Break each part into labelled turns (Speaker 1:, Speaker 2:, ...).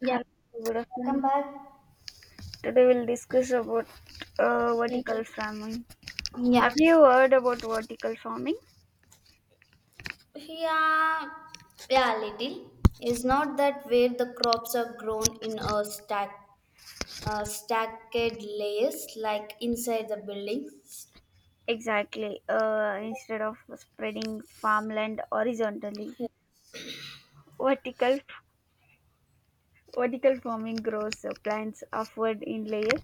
Speaker 1: Yeah.
Speaker 2: Hello, good afternoon.
Speaker 1: Welcome back.
Speaker 2: Today we'll discuss about
Speaker 1: Okay.
Speaker 2: vertical farming. Have
Speaker 1: Yeah.
Speaker 2: you heard about vertical farming?
Speaker 1: Yeah. Yeah, little. It's not that where the crops are grown in a stack, stacked layers like inside the buildings.
Speaker 2: Exactly. Instead of spreading farmland horizontally, vertical vertical farming grows plants upward in layer,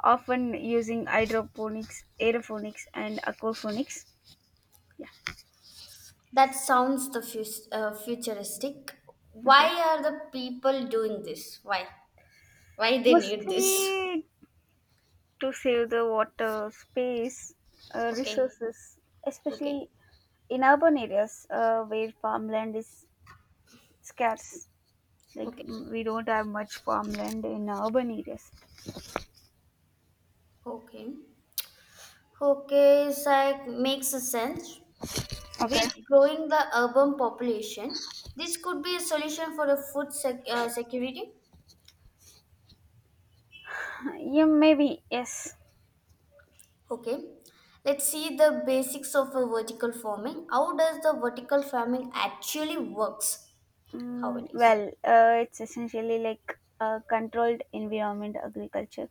Speaker 2: often using hydroponics, aeroponics, and aquaponics. Yeah.
Speaker 1: That sounds the futuristic.
Speaker 2: Okay.
Speaker 1: Why are the people doing this? Why? Why they need this?
Speaker 2: Mostly to save the water, space,
Speaker 1: Okay.
Speaker 2: resources,
Speaker 1: Okay.
Speaker 2: especially in urban areas where farmland is scarce, like
Speaker 1: Okay.
Speaker 2: we don't have much farmland in urban areas.
Speaker 1: Okay. Okay. It's like makes a sense.
Speaker 2: Okay,
Speaker 1: With growing the urban population, this could be a solution for a food security.
Speaker 2: yeah, maybe yes.
Speaker 1: Okay, let's see the basics of a vertical farming. How does the vertical farming actually works? How
Speaker 2: mm,
Speaker 1: it is?
Speaker 2: well uh, it's essentially like a controlled environment agriculture,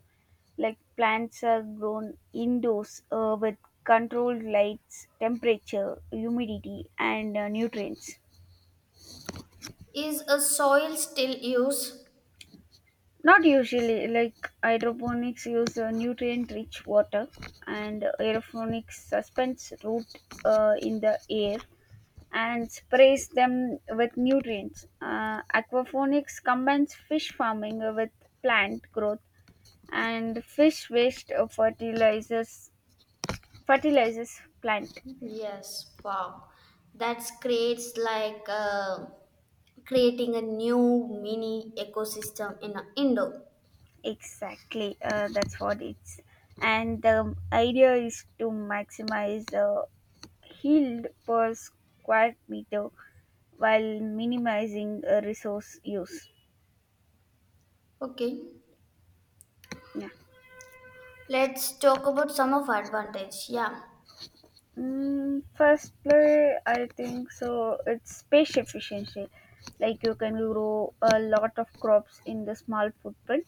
Speaker 2: like plants are grown indoors with controlled lights, temperature, humidity, and nutrients.
Speaker 1: Is a soil still used?
Speaker 2: Not usually, like hydroponics use nutrient rich water, and aeroponics suspends root in the air and sprays them with nutrients. Aquaponics combines fish farming with plant growth, and fish waste fertilizes plant.
Speaker 1: Yes. Wow, that creates like creating a new mini ecosystem in an indoor.
Speaker 2: Exactly, that's what it's. And the idea is to maximize the yield per square meter while minimizing resource use.
Speaker 1: Okay,
Speaker 2: Yeah.
Speaker 1: let's talk about some of advantage. Yeah.
Speaker 2: First play, I think so. It's space efficiency. Like you can grow a lot of crops in the small footprint.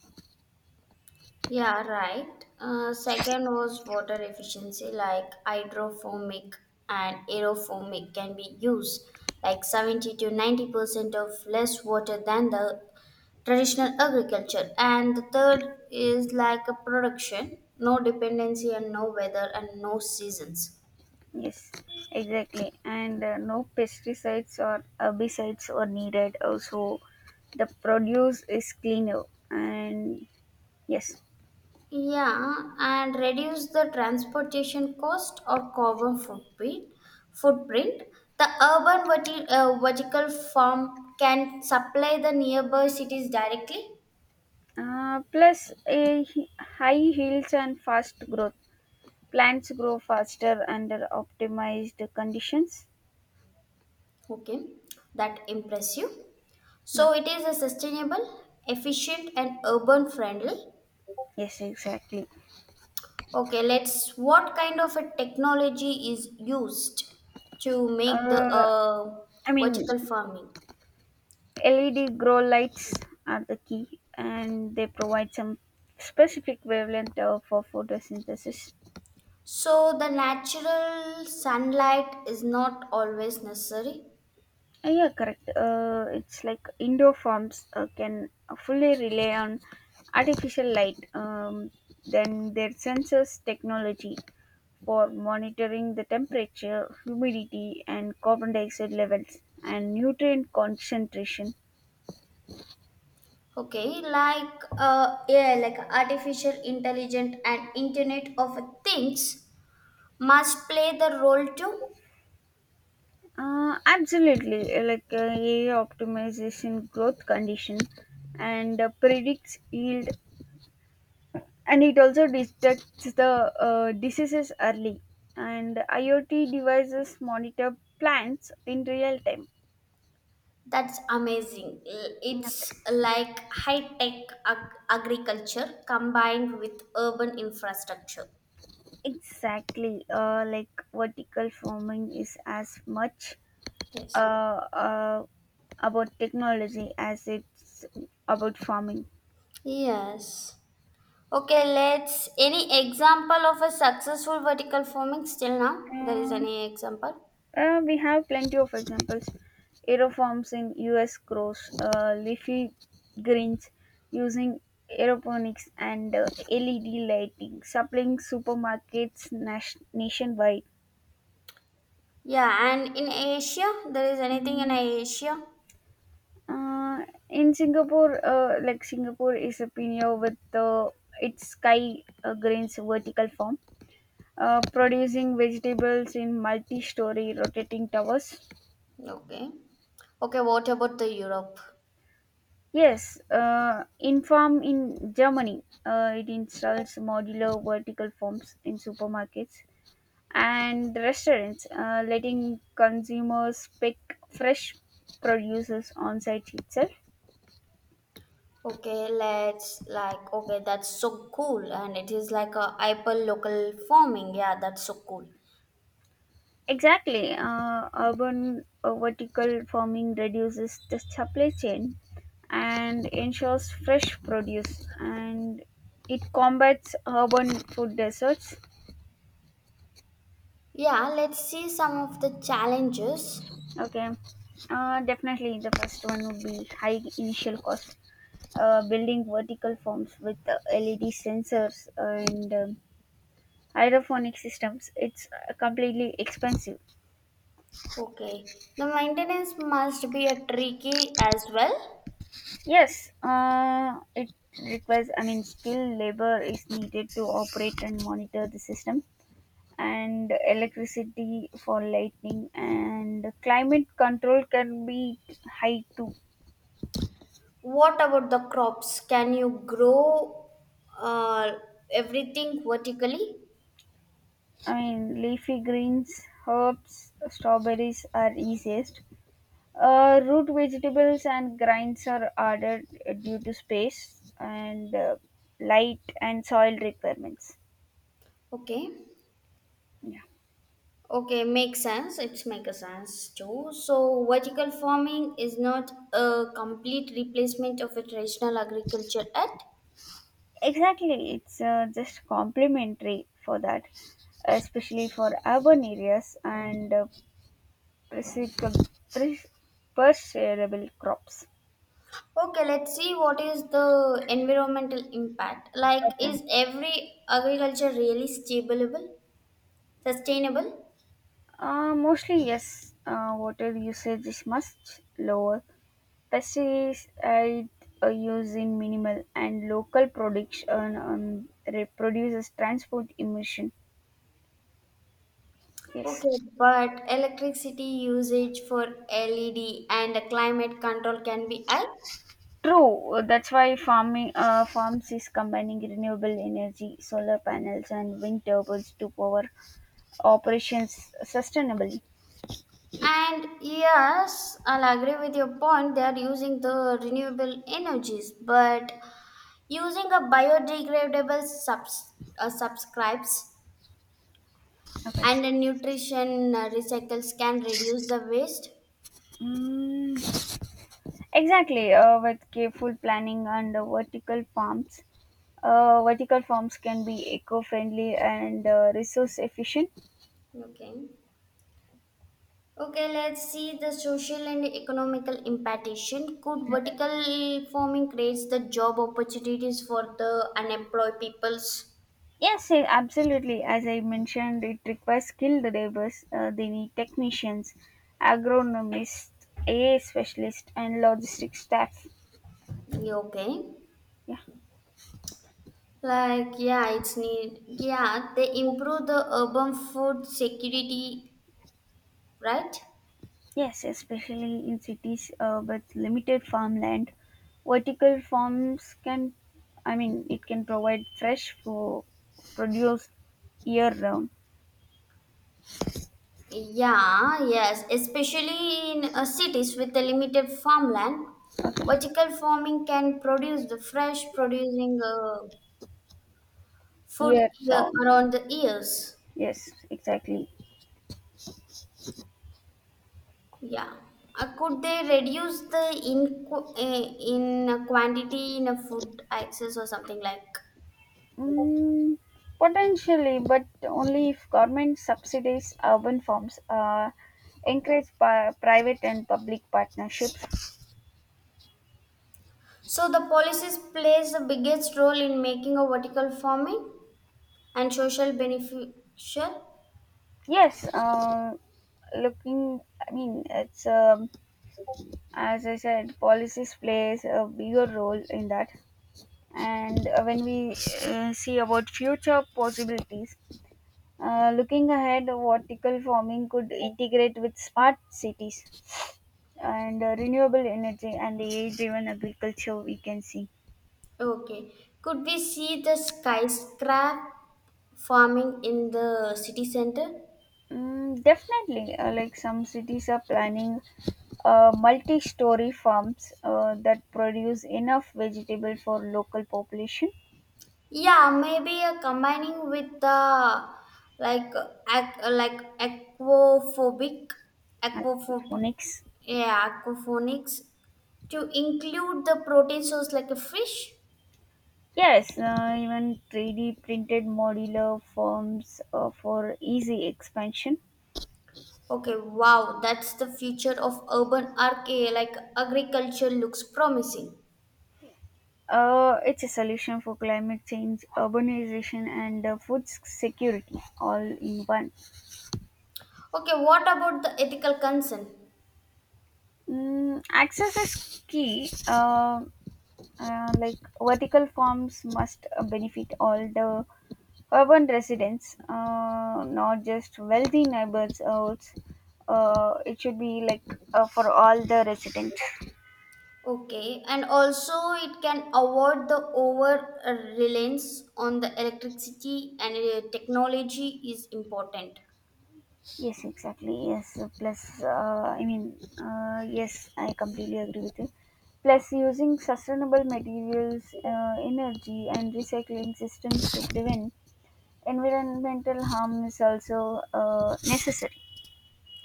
Speaker 1: Yeah, right. Second was water efficiency, like hydroponic and aeroponic can be used, like 70 to 90% of less water than the traditional agriculture. And the third is like a production, no dependency and no weather and no seasons.
Speaker 2: Yes, exactly. And no pesticides or herbicides are needed. Also, the produce is cleaner. And yes,
Speaker 1: Yeah, and reduce the transportation cost or carbon footprint. Footprint. The urban vertical farm can supply the nearby cities directly.
Speaker 2: plus high yields and fast growth. Plants grow faster under optimized conditions.
Speaker 1: Okay, that impress you.
Speaker 2: Yeah.
Speaker 1: So it is a sustainable, efficient, and urban friendly.
Speaker 2: Yes, exactly.
Speaker 1: Okay, let's. What kind of a technology is used to make the
Speaker 2: Uh, I mean,
Speaker 1: vertical farming?
Speaker 2: LED grow lights are the key, and they provide some specific wavelength for photosynthesis.
Speaker 1: So the natural sunlight is not always necessary.
Speaker 2: Yeah, correct. It's like indoor farms can fully rely on artificial light, then their sensors technology for monitoring the temperature, humidity, and carbon dioxide levels and nutrient concentration.
Speaker 1: Okay, like yeah, like artificial intelligent and Internet of Things must play the role too.
Speaker 2: Absolutely, like AI optimization growth condition and predicts yield, and it also detects the diseases early, and iot devices monitor plants in real time.
Speaker 1: That's amazing. It's
Speaker 2: Okay,
Speaker 1: like high tech agriculture combined with urban infrastructure.
Speaker 2: exactly, like vertical farming is as much
Speaker 1: Yes.
Speaker 2: uh, uh, about technology as it's about farming.
Speaker 1: Yes. Okay, let's any example of a successful vertical farming still now? There is any example?
Speaker 2: We have plenty of examples. Aeroforms in US grows, leafy greens using aeroponics and LED lighting, supplying supermarkets nationwide.
Speaker 1: Yeah, and in Asia, there is anything in
Speaker 2: Mm,
Speaker 1: Asia?
Speaker 2: In Singapore, like Singapore is a pioneer with its sky grains vertical farm, producing vegetables in multi-story rotating towers.
Speaker 1: Okay. Okay, what about the Europe?
Speaker 2: Yes, Infarm in Germany, it installs modular vertical forms in supermarkets and restaurants, letting consumers pick fresh produces on site itself.
Speaker 1: Okay, let's like okay, that's so cool, and it is like a hyperlocal farming. Yeah, that's so cool.
Speaker 2: Exactly, urban vertical farming reduces the supply chain and ensures fresh produce, and it combats urban food deserts.
Speaker 1: Yeah, let's see some of the challenges.
Speaker 2: Okay. Definitely, the first one would be high initial cost. Building vertical forms with LED sensors and hydroponic systems, it's completely expensive.
Speaker 1: Okay, the maintenance must be a tricky as well.
Speaker 2: Yes, it requires, I mean, skilled labor is needed to operate and monitor the system, and electricity for lighting and climate control can be high too.
Speaker 1: What about the crops? Can you grow uh, everything vertically?
Speaker 2: I mean, leafy greens, herbs, strawberries are easiest. Root vegetables and grinds are added due to space and light and soil requirements.
Speaker 1: Okay.
Speaker 2: Yeah,
Speaker 1: Okay, makes sense. It's make a sense too. So vertical farming is not a complete replacement of a traditional agriculture at
Speaker 2: exactly. It's just complementary for that, especially for urban areas and presi- pres- perseverable crops.
Speaker 1: okay let's see what is the environmental impact like is
Speaker 2: Okay.
Speaker 1: every agriculture really stable sustainable
Speaker 2: Mostly yes. Water usage is much lower. Pesticide use minimal and local production reproduces transport emission.
Speaker 1: okay
Speaker 2: Yes,
Speaker 1: but electricity usage for led and climate control can be high
Speaker 2: true. That's why farming farms is combining renewable energy, solar panels, and wind turbines to power operations sustainably.
Speaker 1: and yes, I'll agree with your point. They are using the renewable energies, but using a biodegradable subscribes
Speaker 2: Okay.
Speaker 1: and a nutrition recycles can reduce the waste.
Speaker 2: Mm, exactly. With careful planning and vertical farms can be eco-friendly and resource efficient.
Speaker 1: Okay. Okay, let's see the social and economical impartation. Could
Speaker 2: Okay.
Speaker 1: vertical farming creates the job opportunities for the unemployed peoples?
Speaker 2: Yes, absolutely. As I mentioned, it requires skilled laborers. They need technicians, agronomists, AI specialists, and logistics staff.
Speaker 1: Yeah, okay.
Speaker 2: Yeah.
Speaker 1: Like yeah, it's need yeah, they improve the urban food security, right?
Speaker 2: Yes, especially in cities with limited farmland, vertical farms can, I mean, it can provide produce year round.
Speaker 1: Yeah, yes, especially in cities with a limited farmland,
Speaker 2: Okay,
Speaker 1: vertical farming can produce the fresh producing food
Speaker 2: year
Speaker 1: year,
Speaker 2: round.
Speaker 1: around the years.
Speaker 2: Yes, exactly.
Speaker 1: Yeah. Could they reduce the in quantity in a food access or something like?
Speaker 2: Mm, Potentially, but only if government subsidies urban farms, encourage private and public partnerships.
Speaker 1: So the policies plays the biggest role in making a vertical farming and social beneficial.
Speaker 2: Yes, looking, I mean, it's as I said, policies plays a bigger role in that. And when we see about future possibilities, looking ahead, vertical farming could integrate with smart cities, and renewable energy and the AI driven agriculture we can see.
Speaker 1: Okay. Could we see the skyscraper farming in the city center
Speaker 2: Definitely, like some cities are planning multi story farms that produce enough vegetable for local population.
Speaker 1: yeah maybe combining with the like like
Speaker 2: And
Speaker 1: aquaphobic
Speaker 2: Phonics.
Speaker 1: yeah aquaponics to include the protein source like a fish
Speaker 2: Yes, even 3D printed modular forms for easy expansion.
Speaker 1: okay wow that's the future of urban archaea like agriculture looks promising
Speaker 2: It's a solution for climate change, urbanization, and food security all in one.
Speaker 1: okay what about the ethical concern.
Speaker 2: Access is key. Like vertical farms must benefit all the urban residents, not just wealthy neighbors. Or, it should be like for all the residents.
Speaker 1: Okay, and also it can avoid the over reliance on the electricity and technology is important.
Speaker 2: Yes, exactly. Yes, plus, I mean, yes, I completely agree with you. Plus, using sustainable materials, energy, and recycling systems to prevent environmental harm is also necessary.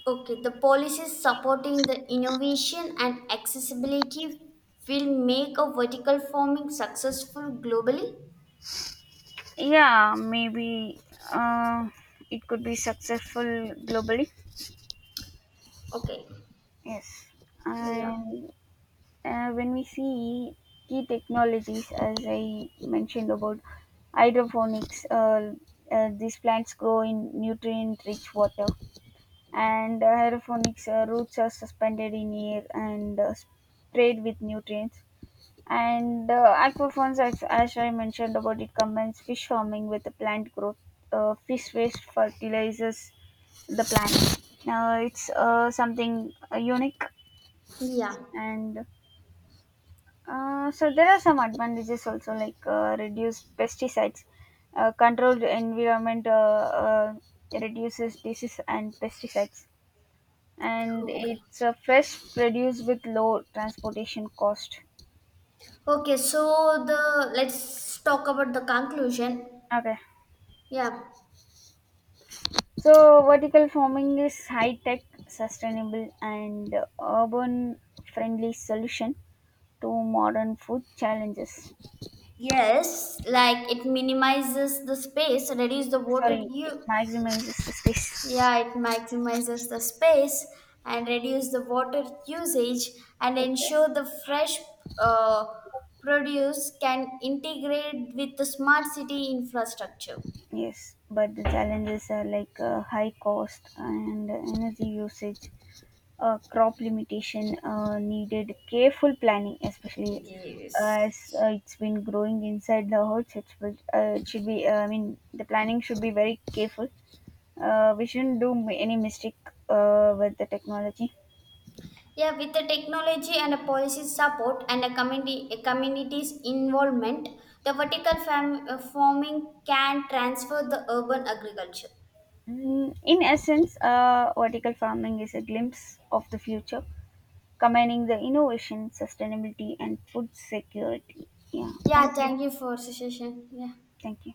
Speaker 1: Okay, the policies supporting the innovation and accessibility will make a vertical farming successful globally.
Speaker 2: Yeah, maybe uh, it could be successful globally.
Speaker 1: Okay,
Speaker 2: Yes,
Speaker 1: yeah,
Speaker 2: and when we see key technologies, as I mentioned about hydroponics, these plants grow in nutrient-rich water, and hydroponics roots are suspended in air and sprayed with nutrients. And aquaphones, as I mentioned about, it combines fish farming with the plant growth. Fish waste fertilizes the plant. Now it's something unique,
Speaker 1: yeah,
Speaker 2: and so there are some advantages also, like reduced pesticides, controlled environment reduces disease and pesticides, and
Speaker 1: okay,
Speaker 2: it's a fresh produce with low transportation cost.
Speaker 1: okay. So the let's talk about the conclusion.
Speaker 2: Okay.
Speaker 1: Yeah.
Speaker 2: So, vertical farming is high-tech, sustainable, and urban-friendly solution to modern food challenges.
Speaker 1: Yes, like it minimizes the space, reduce the water
Speaker 2: Sorry, it
Speaker 1: use.
Speaker 2: maximizes the space.
Speaker 1: Yeah, it maximizes the space and reduce the water usage and
Speaker 2: Okay.
Speaker 1: ensure the fresh uh, produce can integrate with the smart city infrastructure.
Speaker 2: Yes, but the challenges are like high cost and energy usage, crop limitation, needed careful planning, especially as it's been growing inside the huts. It's, it should be, I mean, the planning should be very careful, we shouldn't do any mistake with the technology.
Speaker 1: Yeah, with the technology and a policy support and a community's involvement, the farming can transfer the urban agriculture.
Speaker 2: In essence, vertical farming is a glimpse of the future, combining the innovation, sustainability, and food security. Yeah, thank
Speaker 1: Yeah,
Speaker 2: you.
Speaker 1: thank you for suggestion. Yeah.
Speaker 2: Thank you.